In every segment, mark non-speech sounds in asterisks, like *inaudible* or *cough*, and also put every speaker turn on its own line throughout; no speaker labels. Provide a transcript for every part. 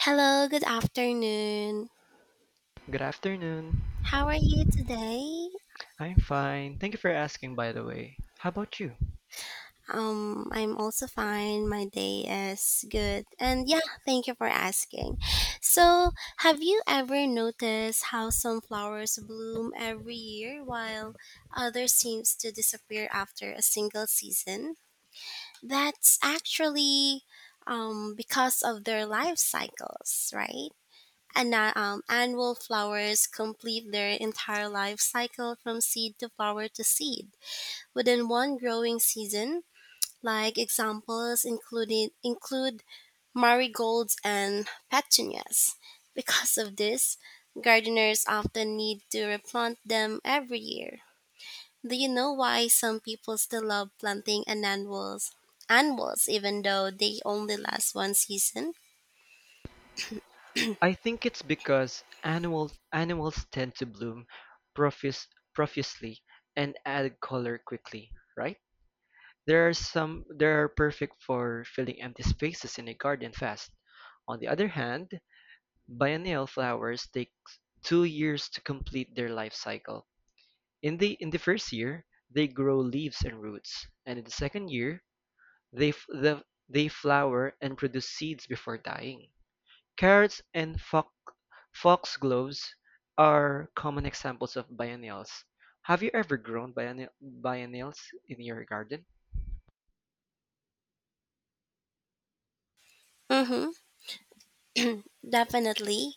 Hello, good afternoon.
Good afternoon.
How are you today?
I'm fine. Thank you for asking, by the way. How about you?
I'm also fine. My day is good. And yeah, thank you for asking. So, have you ever noticed how some flowers bloom every year while others seems to disappear after a single season? That's actually because of their life cycles, right? And Annual flowers complete their entire life cycle from seed to flower to seed within one growing season. Like examples included include marigolds and petunias. Because of this, gardeners often need to replant them every year. Do you know why some people still love planting an annuals? Annuals, even though they only last one season.
I think it's because annual animals tend to bloom profuse, profusely and add color quickly, right? There are perfect for filling empty spaces in a garden fast. On the other hand, biennial flowers take 2 years to complete their life cycle. In the first year, they grow leaves and roots, and in the second year, They f the, they flower and produce seeds before dying. Carrots and foxgloves are common examples of biennials. Have you ever grown biennials in your garden?
Mm-hmm. Definitely.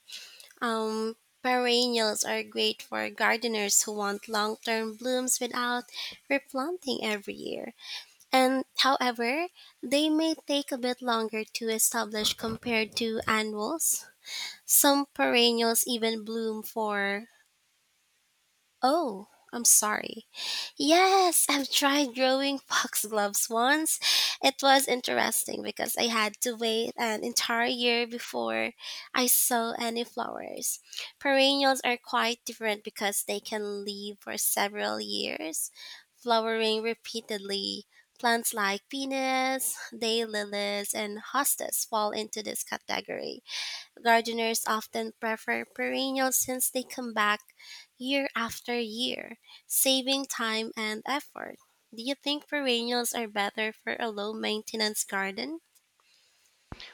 Um, Perennials are great for gardeners who want long-term blooms without replanting every year. And however, they may take a bit longer to establish compared to annuals. Some perennials even bloom for oh, I'm sorry, yes, I've tried growing *laughs* foxgloves once. It was interesting because I had to wait an entire year before I saw any flowers. Perennials are quite different because they can live for several years, flowering repeatedly. Plants like penis, day lilies, and hostas fall into this category. Gardeners often prefer perennials since they come back year after year, saving time and effort. Do you think perennials are better for a low maintenance garden?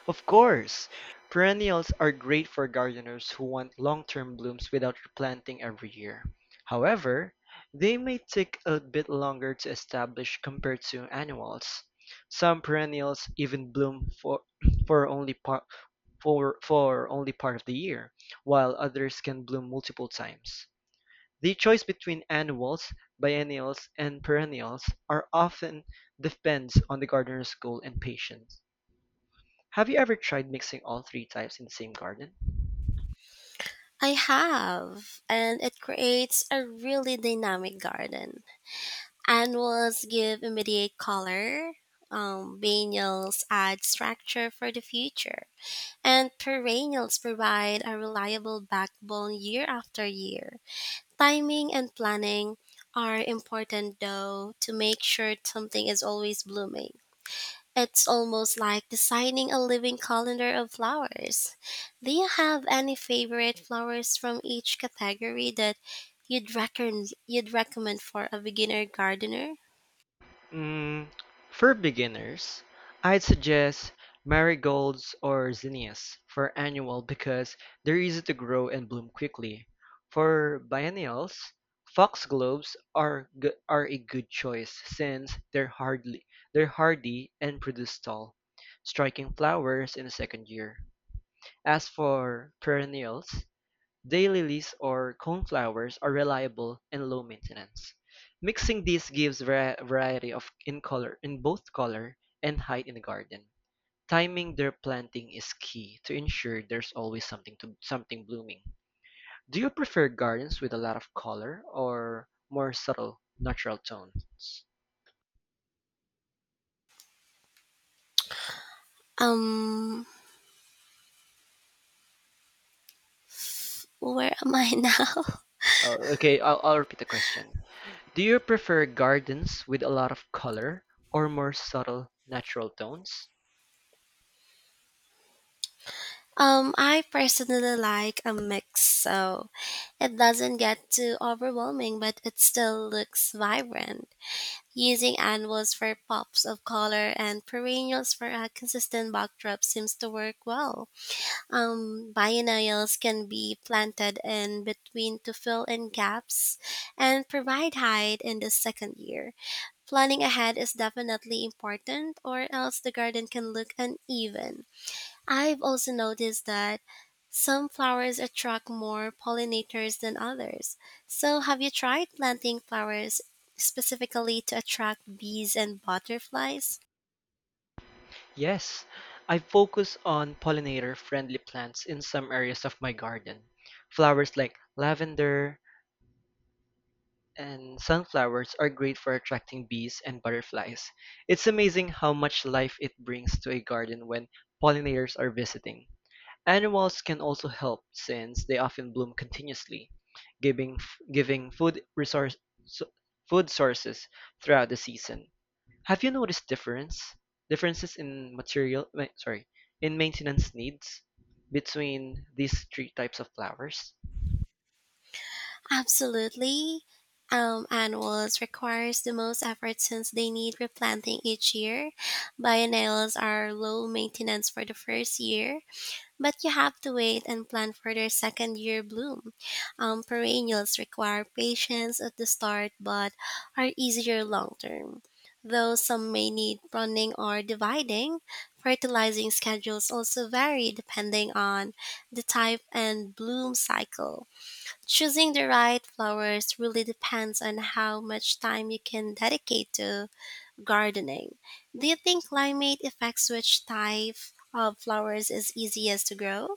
Of course! Perennials are great for gardeners who want long-term blooms without replanting every year. However, they may take a bit longer to establish compared to annuals. Some perennials even bloom *clears throat* for only par- for only part of the year, while others can bloom multiple times. The choice between annuals, biennials, and perennials are often depends on the gardener's goal and patience. Have you ever tried mixing all three types in the same garden?
I have, and it creates a really dynamic garden. Annuals give immediate color, biennials add structure for the future, and perennials provide a reliable backbone year after year. Timing and planning are important though to make sure something is always blooming. It's almost like designing a living calendar of flowers. Do you have any favorite flowers from each category that you'd recommend for a beginner gardener?
Mm, for beginners, I'd suggest marigolds or zinnias for annual because they're easy to grow and bloom quickly. For biennials, foxgloves are a good choice since they're hardy and produce tall, striking flowers in the second year. As for perennials, daylilies or coneflowers are reliable and low maintenance. Mixing these gives variety of in color in both color and height in the garden. Timing their planting is key to ensure there's always something blooming. Do you prefer gardens with a lot of color or more subtle natural tone?
Um where am I *laughs* now?
Okay, I'll repeat the question. Do you prefer gardens with a lot of color or more subtle natural tones?
I personally like a mix so it doesn't get too overwhelming but it still looks vibrant. Using annuals for pops of color and perennials for a consistent backdrop seems to work well. Biennials can be planted in between to fill in gaps and provide height in the second year. Planning ahead is definitely important, or else the garden can look uneven. I've also noticed that some flowers attract more pollinators than others. So, have you tried planting flowers specifically to attract bees and butterflies?
Yes, I focus on pollinator-friendly plants in some areas of my garden. Flowers like lavender and sunflowers are great for attracting bees and butterflies. It's amazing how much life it brings to a garden when pollinators are visiting. Animals can also help since they often bloom continuously, giving giving so- food sources throughout the season. Have you noticed differences in material, ma- sorry, in maintenance needs between these three types of flowers?
Absolutely. Annuals requires the most effort since they need replanting each year. Biennials are low maintenance for the first year, but you have to wait and plan for their second year bloom. Perennials require patience at the start but are easier long term. Though some may need pruning or dividing, fertilizing schedules also vary depending on the type and bloom cycle. Choosing the right flowers really depends on how much time you can dedicate to gardening. Do you think climate affects which type of flowers is easiest to grow?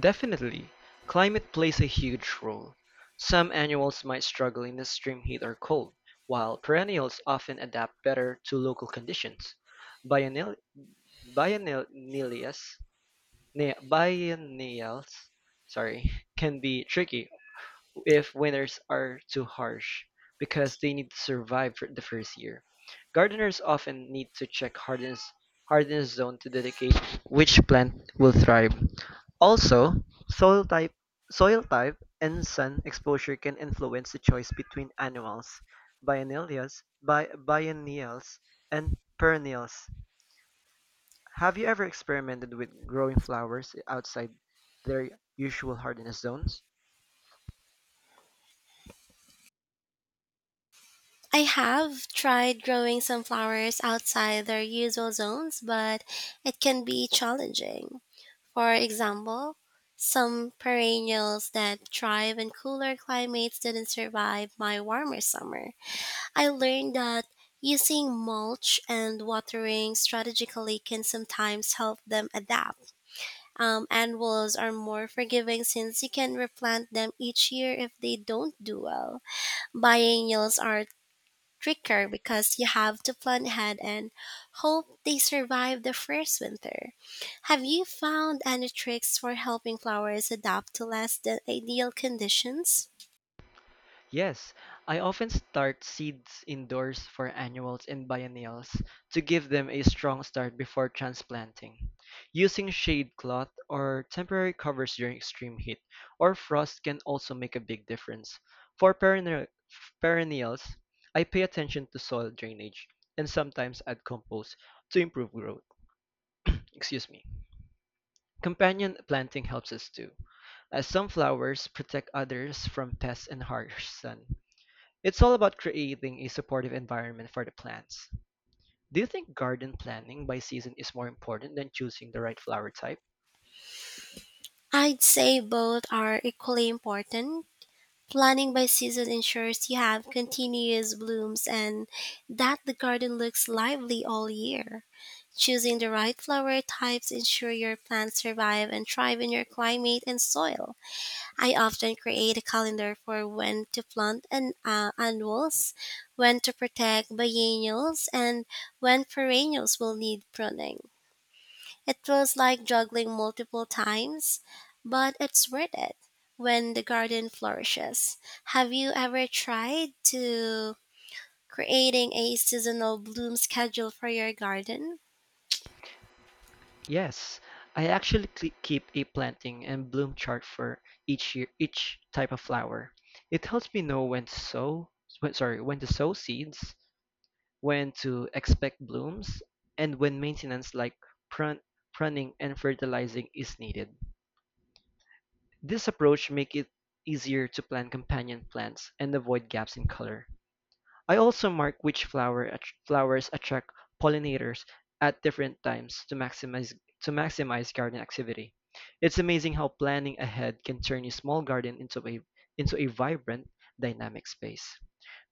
Definitely, climate plays a huge role. Some annuals might struggle in extreme heat or cold, while perennials often adapt better to local conditions. Biennial, biennials, ne- biennials, sorry, can be tricky if winters are too harsh, because they need to survive for the first year. Gardeners often need to check hardness zone to dedicate which plant will thrive. Also, soil type, soil type and sun exposure can influence the choice between annuals, biennials, and perennials. Have you ever experimented with growing flowers outside their usual hardiness zones?
I have tried growing some flowers outside their usual zones, but it can be challenging. For example, some perennials that thrive in cooler climates didn't survive my warmer summer. I learned that using mulch and watering strategically can sometimes help them adapt. Annuals are more forgiving since you can replant them each year if they don't do well biennials are trickier because you have to plan ahead and hope they survive the first winter. Have you found any tricks for helping flowers adapt to less than ideal conditions?
Yes, I often start seeds indoors for annuals and biennials to give them a strong start before transplanting. Using shade cloth or temporary covers during extreme heat or frost can also make a big difference. For perennials, I pay attention to soil drainage and sometimes add compost to improve growth. Excuse me. Companion planting helps us too, as some flowers protect others from pests and harsh sun. It's all about creating a supportive environment for the plants. Do you think garden planning by season is more important than choosing the right flower type?
I'd say both are equally important. Planning by season ensures you have continuous blooms and that the garden looks lively all year. Choosing the right flower types ensure your plants survive and thrive in your climate and soil. I often create a calendar for when to plant annuals, when to protect biennials, and when perennials will need pruning. It feels like juggling multiple times, but it's worth it when the garden flourishes. Have you ever tried to creating a seasonal bloom schedule for your garden?
Yes, I actually keep a planting and bloom chart for each year, each type of flower. It helps me know when to sow seeds, when to expect blooms, and when maintenance like prun- pruning and fertilizing is needed. This approach makes it easier to plant companion plants and avoid gaps in color. I also mark which flowers attract pollinators at different times to maximize garden activity. It's amazing how planning ahead can turn a small garden into a vibrant, dynamic space.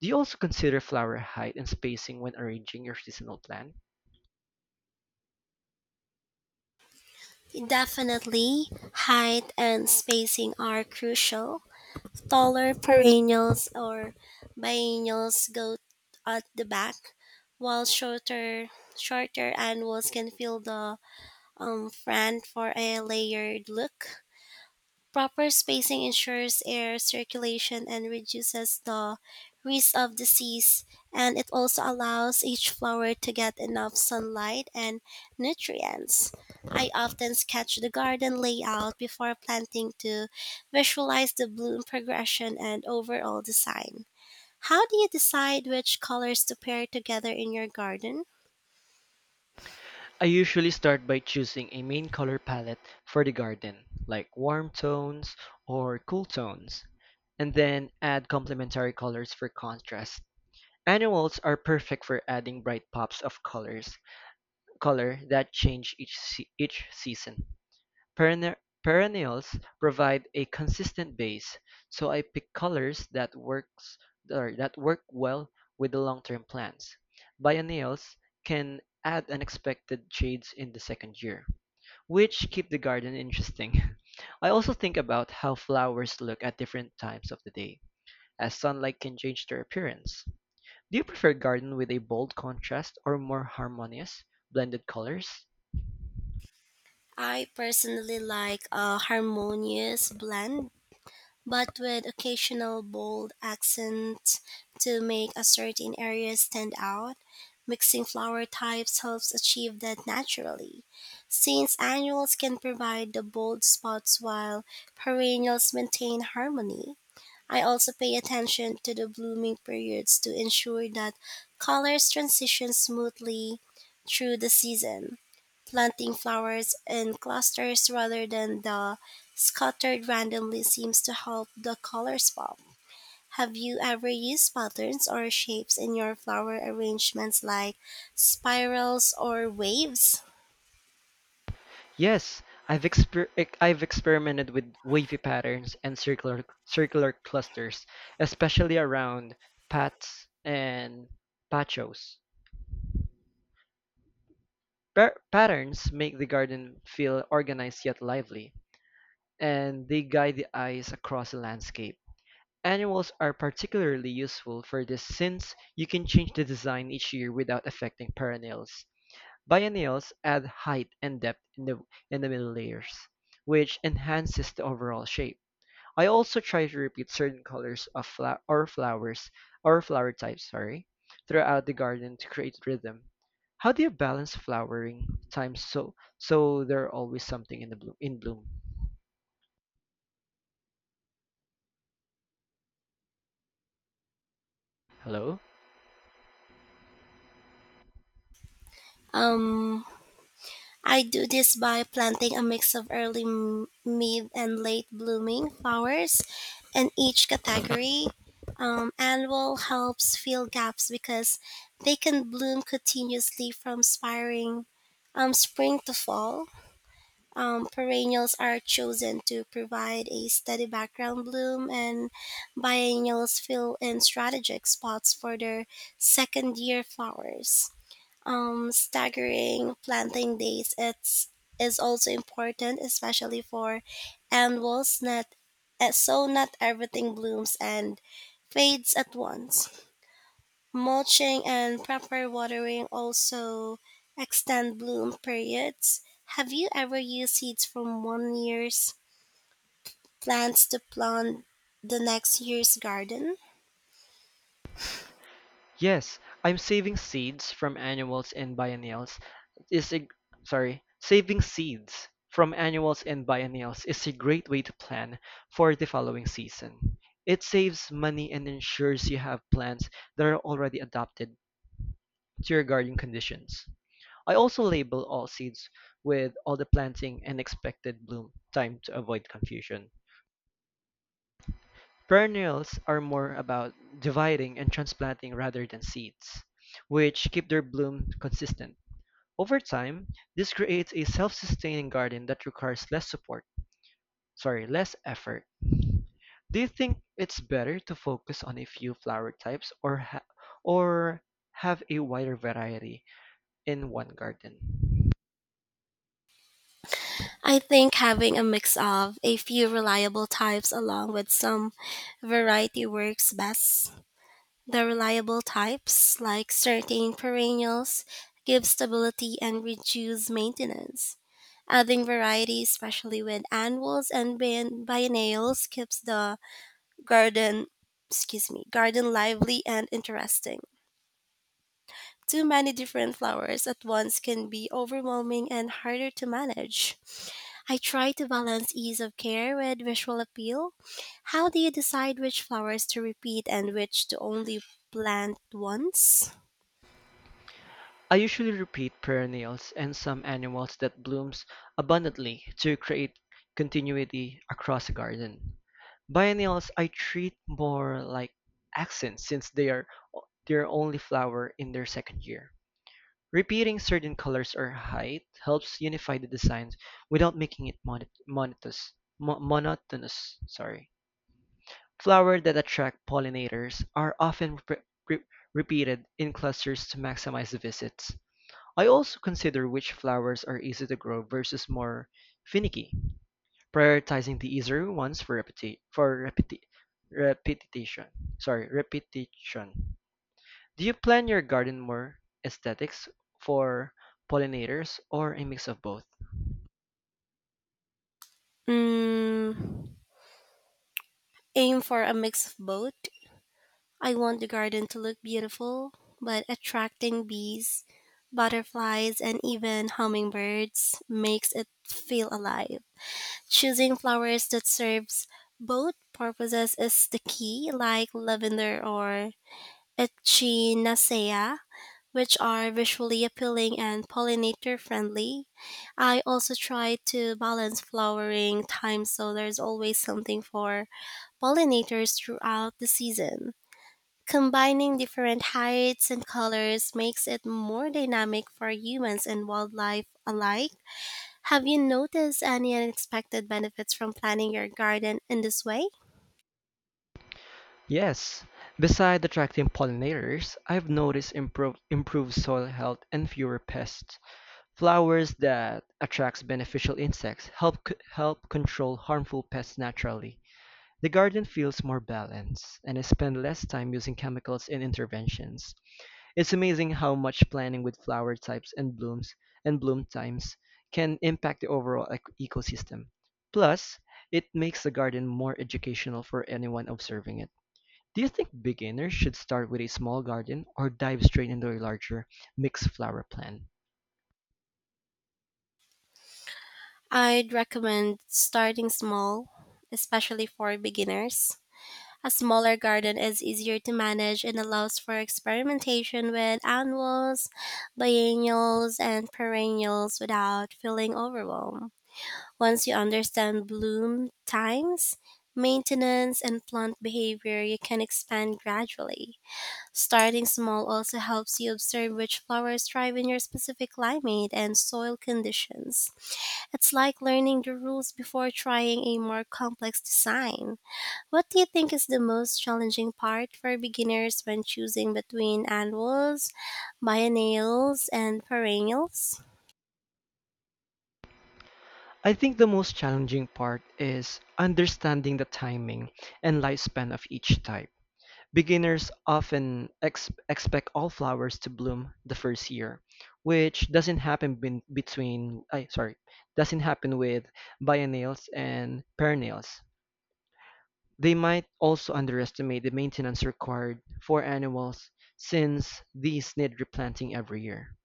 Do you also consider flower height and spacing when arranging your seasonal plan?
Definitely, height and spacing are crucial. Taller perennials or biennials go at the back, while shorter annuals can fill the front for a layered look. Proper spacing ensures air circulation and reduces the risk of disease, and it also allows each flower to get enough sunlight and nutrients. I often sketch the garden layout before planting to visualize the bloom progression and overall design. How do you decide which colors to pair together in your garden?
I usually start by choosing a main color palette for the garden, like warm tones or cool tones, and then add complementary colors for contrast. Annuals are perfect for adding bright pops of color that change each season. Perenne- Perennials provide a consistent base, so I pick colors that work well with the long-term plans. Biennials can add unexpected shades in the second year, which keep the garden interesting. *laughs* I also think about how flowers look at different times of the day, as sunlight can change their appearance. Do you prefer garden with a bold contrast or more harmonious, blended colors?
I personally like a harmonious blend but with occasional bold accents to make a certain area stand out. Mixing flower types helps achieve that naturally, since annuals can provide the bold spots while perennials maintain harmony. I also pay attention to the blooming periods to ensure that colors transition smoothly through the season, planting flowers in clusters rather than the scattered randomly seems to help the colors pop. Have you ever used patterns or shapes in your flower arrangements like spirals or waves?
Yes, I've experimented with wavy patterns and circular clusters, especially around paths and patios. Patterns make the garden feel organized yet lively, and they guide the eyes across the landscape. Annuals are particularly useful for this since you can change the design each year without affecting perennials. Biennials add height and depth in the middle layers, which enhances the overall shape. I also try to repeat certain colors of fla- or flowers or flower types, throughout the garden to create rhythm. How do you balance flowering times so there are always something in bloom? Hello?
Um, I do this by planting a mix of early, mid, and late blooming flowers in each category. Annual helps fill gaps because they can bloom continuously from spiring, spring to fall. Perennials are chosen to provide a steady background bloom, and biennials fill in strategic spots for their second year flowers. Staggering planting dates is also important, especially for annuals. Not, eh, so not everything blooms and fades at once. Mulching and proper watering also extend bloom periods. Have you ever used seeds from one year's plants to plant the next year's garden?
Yes, I'm saving seeds from annuals and biennials. Is a, saving seeds from annuals and biennials is a great way to plan for the following season. It saves money and ensures you have plants that are already adapted to your garden conditions. I also label all seeds with all the planting and expected bloom time to avoid confusion. Perennials are more about dividing and transplanting rather than seeds, which keep their bloom consistent. Over time, this creates a self-sustaining garden that requires less effort. Do you think it's better to focus on a few flower types or have a wider variety in one garden?
I think having a mix of a few reliable types along with some variety works best. The reliable types, like certain perennials, give stability and reduce maintenance. Adding variety, especially with annuals and biennials, keeps the garden, garden lively and interesting. Too many different flowers at once can be overwhelming and harder to manage. I try to balance ease of care with visual appeal. How do you decide which flowers to repeat and which to only plant once?
I usually repeat perennials and some annuals that blooms abundantly to create continuity across a garden. Biennials I treat more like accents since they are their only flower in their second year. Repeating certain colors or height helps unify the designs without making it monotonous. Mo- monotonous, sorry. Flowers that attract pollinators are often re- repeated in clusters to maximize the visits. I also consider which flowers are easy to grow versus more finicky, prioritizing the easier ones repetition. repetition. Do you plan your garden more aesthetics for pollinators or a mix of both?
Mm, aim for a mix of both. I want the garden to look beautiful, but attracting bees, butterflies, and even hummingbirds makes it feel alive. Choosing flowers that serves both purposes is the key, like lavender or Echinacea, which are visually appealing and pollinator friendly. I also try to balance flowering time so there's always something for pollinators throughout the season. Combining different heights and colors makes it more dynamic for humans and wildlife alike. Have you noticed any unexpected benefits from planning your garden in this way?
Yes. Besides attracting pollinators, I've noticed improved soil health and fewer pests. Flowers that attracts beneficial insects help control harmful pests naturally. The garden feels more balanced, and I spend less time using chemicals and interventions. It's amazing how much planning with flower types and bloom times can impact the overall ecosystem. Plus, it makes the garden more educational for anyone observing it. Do you think beginners should start with a small garden or dive straight into a larger mixed flower plan?
I'd recommend starting small, especially for beginners. A smaller garden is easier to manage and allows for experimentation with annuals, biennials, and perennials without feeling overwhelmed. Once you understand bloom times, maintenance, and plant behavior, you can expand gradually. Starting small also helps you observe which flowers thrive in your specific climate and soil conditions. It's like learning the rules before trying a more complex design. What do you think is the most challenging part for beginners when choosing between annuals, biennials, and perennials?
I think the most challenging part is understanding the timing and lifespan of each type. Beginners often expect all flowers to bloom the first year, which doesn't happen bin- between, I sorry, doesn't happen with biennials and perennials. They might also underestimate the maintenance required for annuals since these need replanting every year.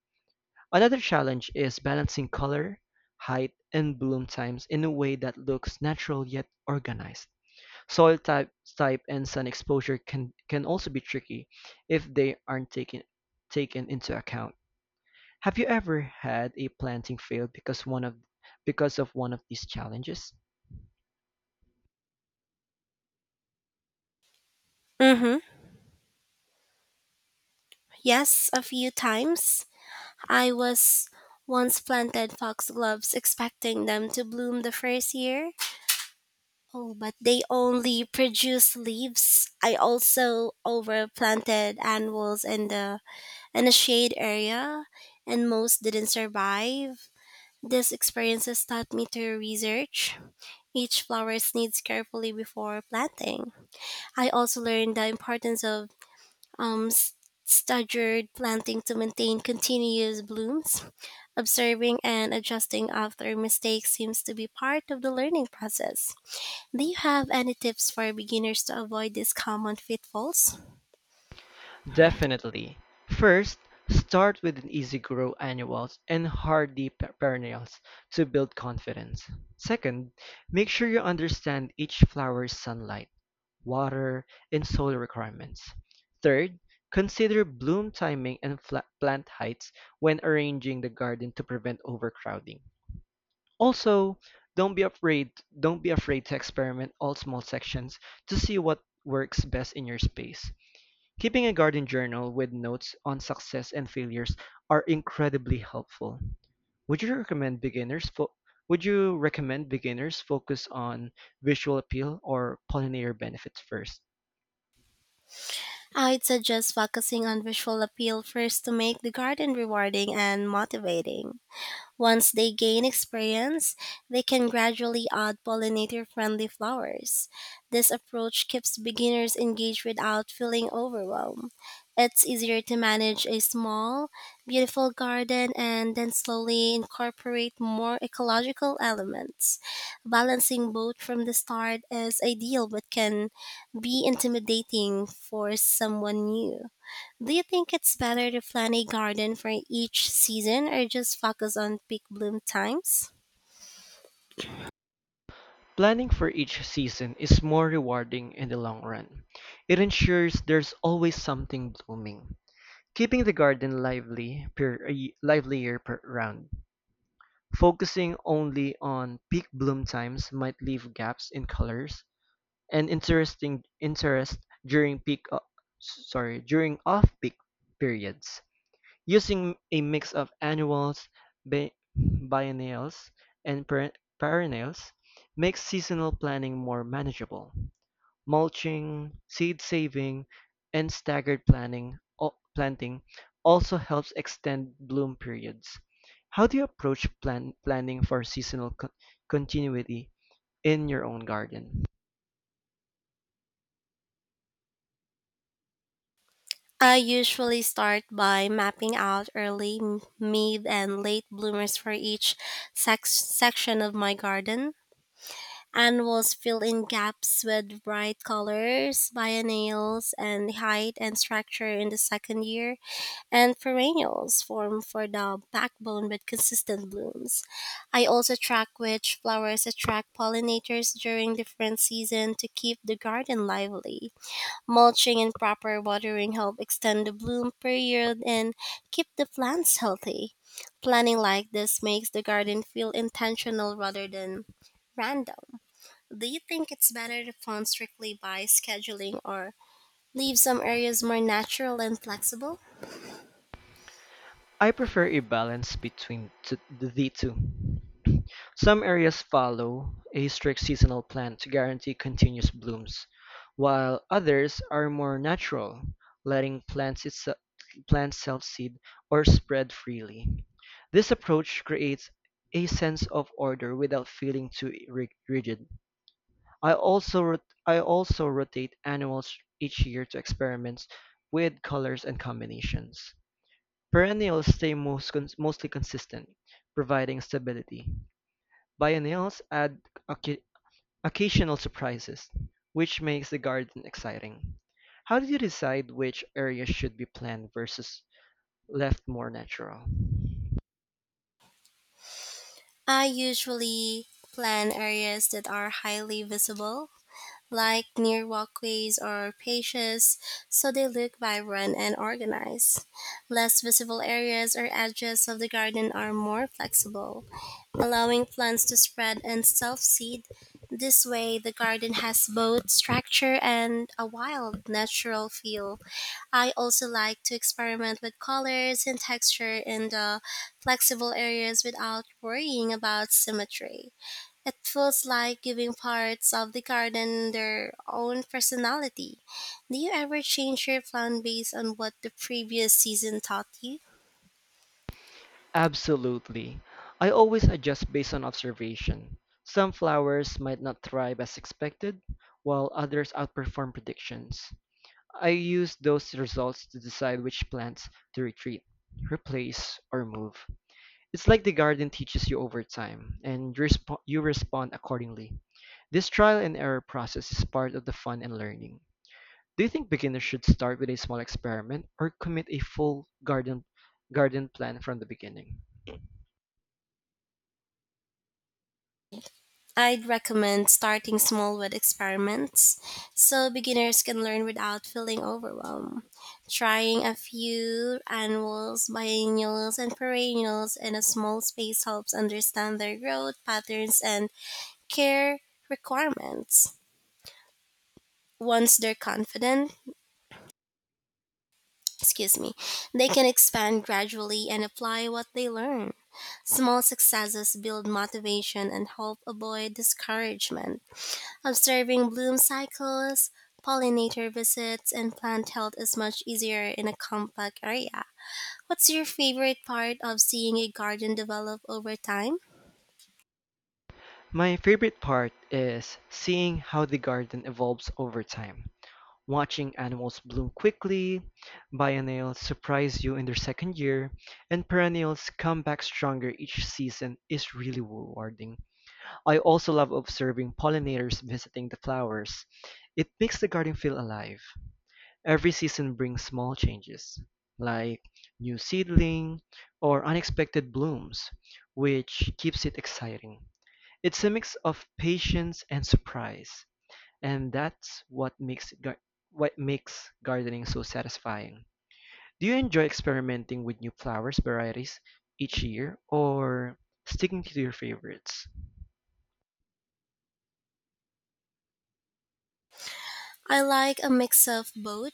Another challenge is balancing color, height, and bloom times in a way that looks natural yet organized. Soil type, type and sun exposure can also be tricky if they aren't taken into account. Have you ever had a planting fail because of one of these challenges?
Mm-hmm. Yes, a few times. I was once planted foxgloves expecting them to bloom the first year. Oh, but they only produce leaves. I also overplanted annuals in the and a shade area, and most didn't survive. These experiences taught me to research each flower's needs carefully before planting. I also learned the importance of um, s- staggered planting to maintain continuous blooms. Observing and adjusting after mistakes seems to be part of the learning process. Do you have any tips for beginners to avoid these common pitfalls?
Definitely. First, start with an easy grow annuals and hardy perennials to build confidence. Second, make sure you understand each flower's sunlight, water, and soil requirements. Third, consider bloom timing and plant heights when arranging the garden to prevent overcrowding. Also, don't be afraid don't be afraid to experiment all small sections to see what works best in your space. Keeping a garden journal with notes on success and failures are incredibly helpful. Would you recommend beginners fo- would you recommend beginners focus on visual appeal or pollinator benefits first?
I'd suggest focusing on visual appeal first to make the garden rewarding and motivating. Once they gain experience, they can gradually add pollinator friendly flowers. This approach keeps beginners engaged without feeling overwhelmed. It's easier to manage a small, beautiful garden and then slowly incorporate more ecological elements. Balancing both from the start is ideal but can be intimidating for someone new. Do you think it's better to plan a garden for each season or just focus on peak bloom times?
Planning for each season is more rewarding in the long run. It ensures there's always something blooming, keeping the garden lively per a livelier per round. Focusing only on peak bloom times might leave gaps in colors and interest during peak uh, during off-peak periods. Using a mix of annuals, biennials, and perennials makes seasonal planning more manageable. Mulching, seed saving, and staggered planting also helps extend bloom periods. How do you approach planning for seasonal continuity in your own garden?
I usually start by mapping out early, mid, and late bloomers for each section of my garden. Annuals fill in gaps with bright colors, biennials, and height and structure in the second year. And perennials form for the backbone with consistent blooms. I also track which flowers attract pollinators during different seasons to keep the garden lively. Mulching and proper watering help extend the bloom period and keep the plants healthy. Planning like this makes the garden feel intentional rather than random. Do you think it's better to plan strictly by scheduling or leave some areas more natural and flexible?
I prefer a balance between the two. Some areas follow a strict seasonal plan to guarantee continuous blooms, while others are more natural, letting plants self-seed or spread freely. This approach creates a sense of order without feeling too rigid. I also rotate annuals each year to experiment with colors and combinations. Perennials stay mostly consistent, providing stability. Biennials add occa- occasional surprises, which makes the garden exciting. How do you decide which areas should be planned versus left more natural?
I usually plan areas that are highly visible like near walkways or patios, so they look vibrant and organized. Less visible areas or edges of the garden are more flexible, allowing plants to spread and self seed. This way, the garden has both structure and a wild, natural feel. I also like to experiment with colors and texture in the flexible areas without worrying about symmetry. It feels like giving parts of the garden their own personality. Do you ever change your plan based on what the previous season taught you?
Absolutely. I always adjust based on observation. Some flowers might not thrive as expected, while others outperform predictions. I use those results to decide which plants to retreat, replace, or move. It's like the garden teaches you over time, and you respond accordingly. This trial and error process is part of the fun and learning. Do you think beginners should start with a small experiment or commit a full garden plan from the beginning?
I'd recommend starting small with experiments so beginners can learn without feeling overwhelmed. Trying a few annuals, biennials, and perennials in a small space helps understand their growth patterns and care requirements. Once they're confident, excuse me, they can expand gradually and apply what they learn. Small successes build motivation and help avoid discouragement. Observing bloom cycles, pollinator visits, and plant health is much easier in a compact area. What's your favorite part of seeing a garden develop over time?
My favorite part is seeing how the garden evolves over time. Watching animals bloom quickly, biennials surprise you in their second year, and perennials come back stronger each season is really rewarding. I also love observing pollinators visiting the flowers. It makes the garden feel alive. Every season brings small changes, like new seedling or unexpected blooms, which keeps it exciting. It's a mix of patience and surprise, and that's what makes it gar- what makes gardening so satisfying. Do you enjoy experimenting with new flowers varieties each year or sticking to your favorites?
I like a mix of both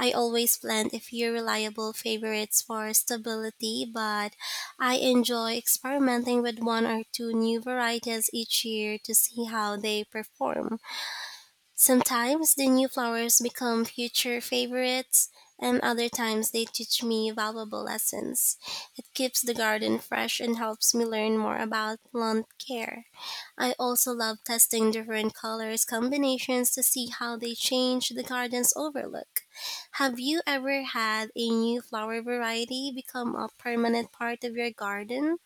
I always plan a few reliable favorites for stability, but I enjoy experimenting with one or two new varieties each year to see how they perform. Sometimes the new flowers become future favorites, and other times they teach me valuable lessons. It keeps the garden fresh and helps me learn more about plant care. I also love testing different colors combinations to see how they change the garden's overlook. Have you ever had a new flower variety become a permanent part of your garden?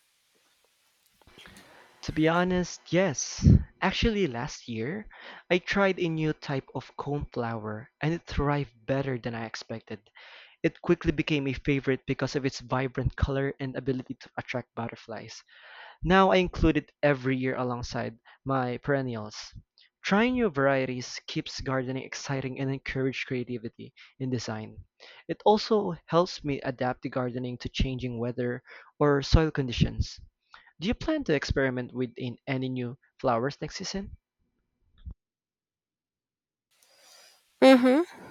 To be honest, yes. Actually, last year, I tried a new type of comb and it thrived better than I expected. It quickly became a favorite because of its vibrant color and ability to attract butterflies. Now I include it every year alongside my perennials. Trying new varieties keeps gardening exciting and encourages creativity in design. It also helps me adapt the gardening to changing weather or soil conditions. Do you plan to experiment with in any new flowers next season?
Mm-hmm.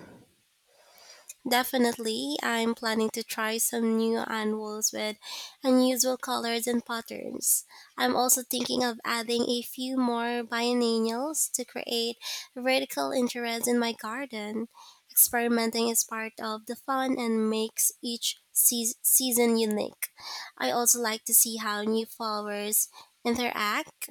Definitely, I'm planning to try some new anvils with unusual colors and patterns. I'm also thinking of adding a few more biennials to create vertical interest in my garden. Experimenting is part of the fun and makes each season unique. I also like to see how new flowers interact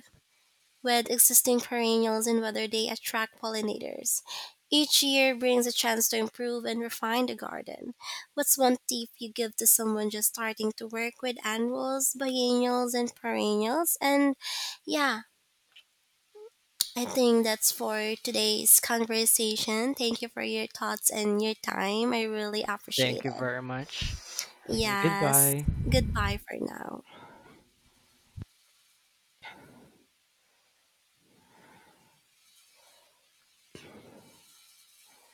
with existing perennials and whether they attract pollinators. Each year brings a chance to improve and refine the garden. What's one tip you give to someone just starting to work with annuals, biennials, and perennials? And yeah, I think that's for today's conversation. Thank you for your thoughts and your time. I really
Thank
appreciate
you
it.
very much. Okay,
Yes.
goodbye.
Goodbye for now.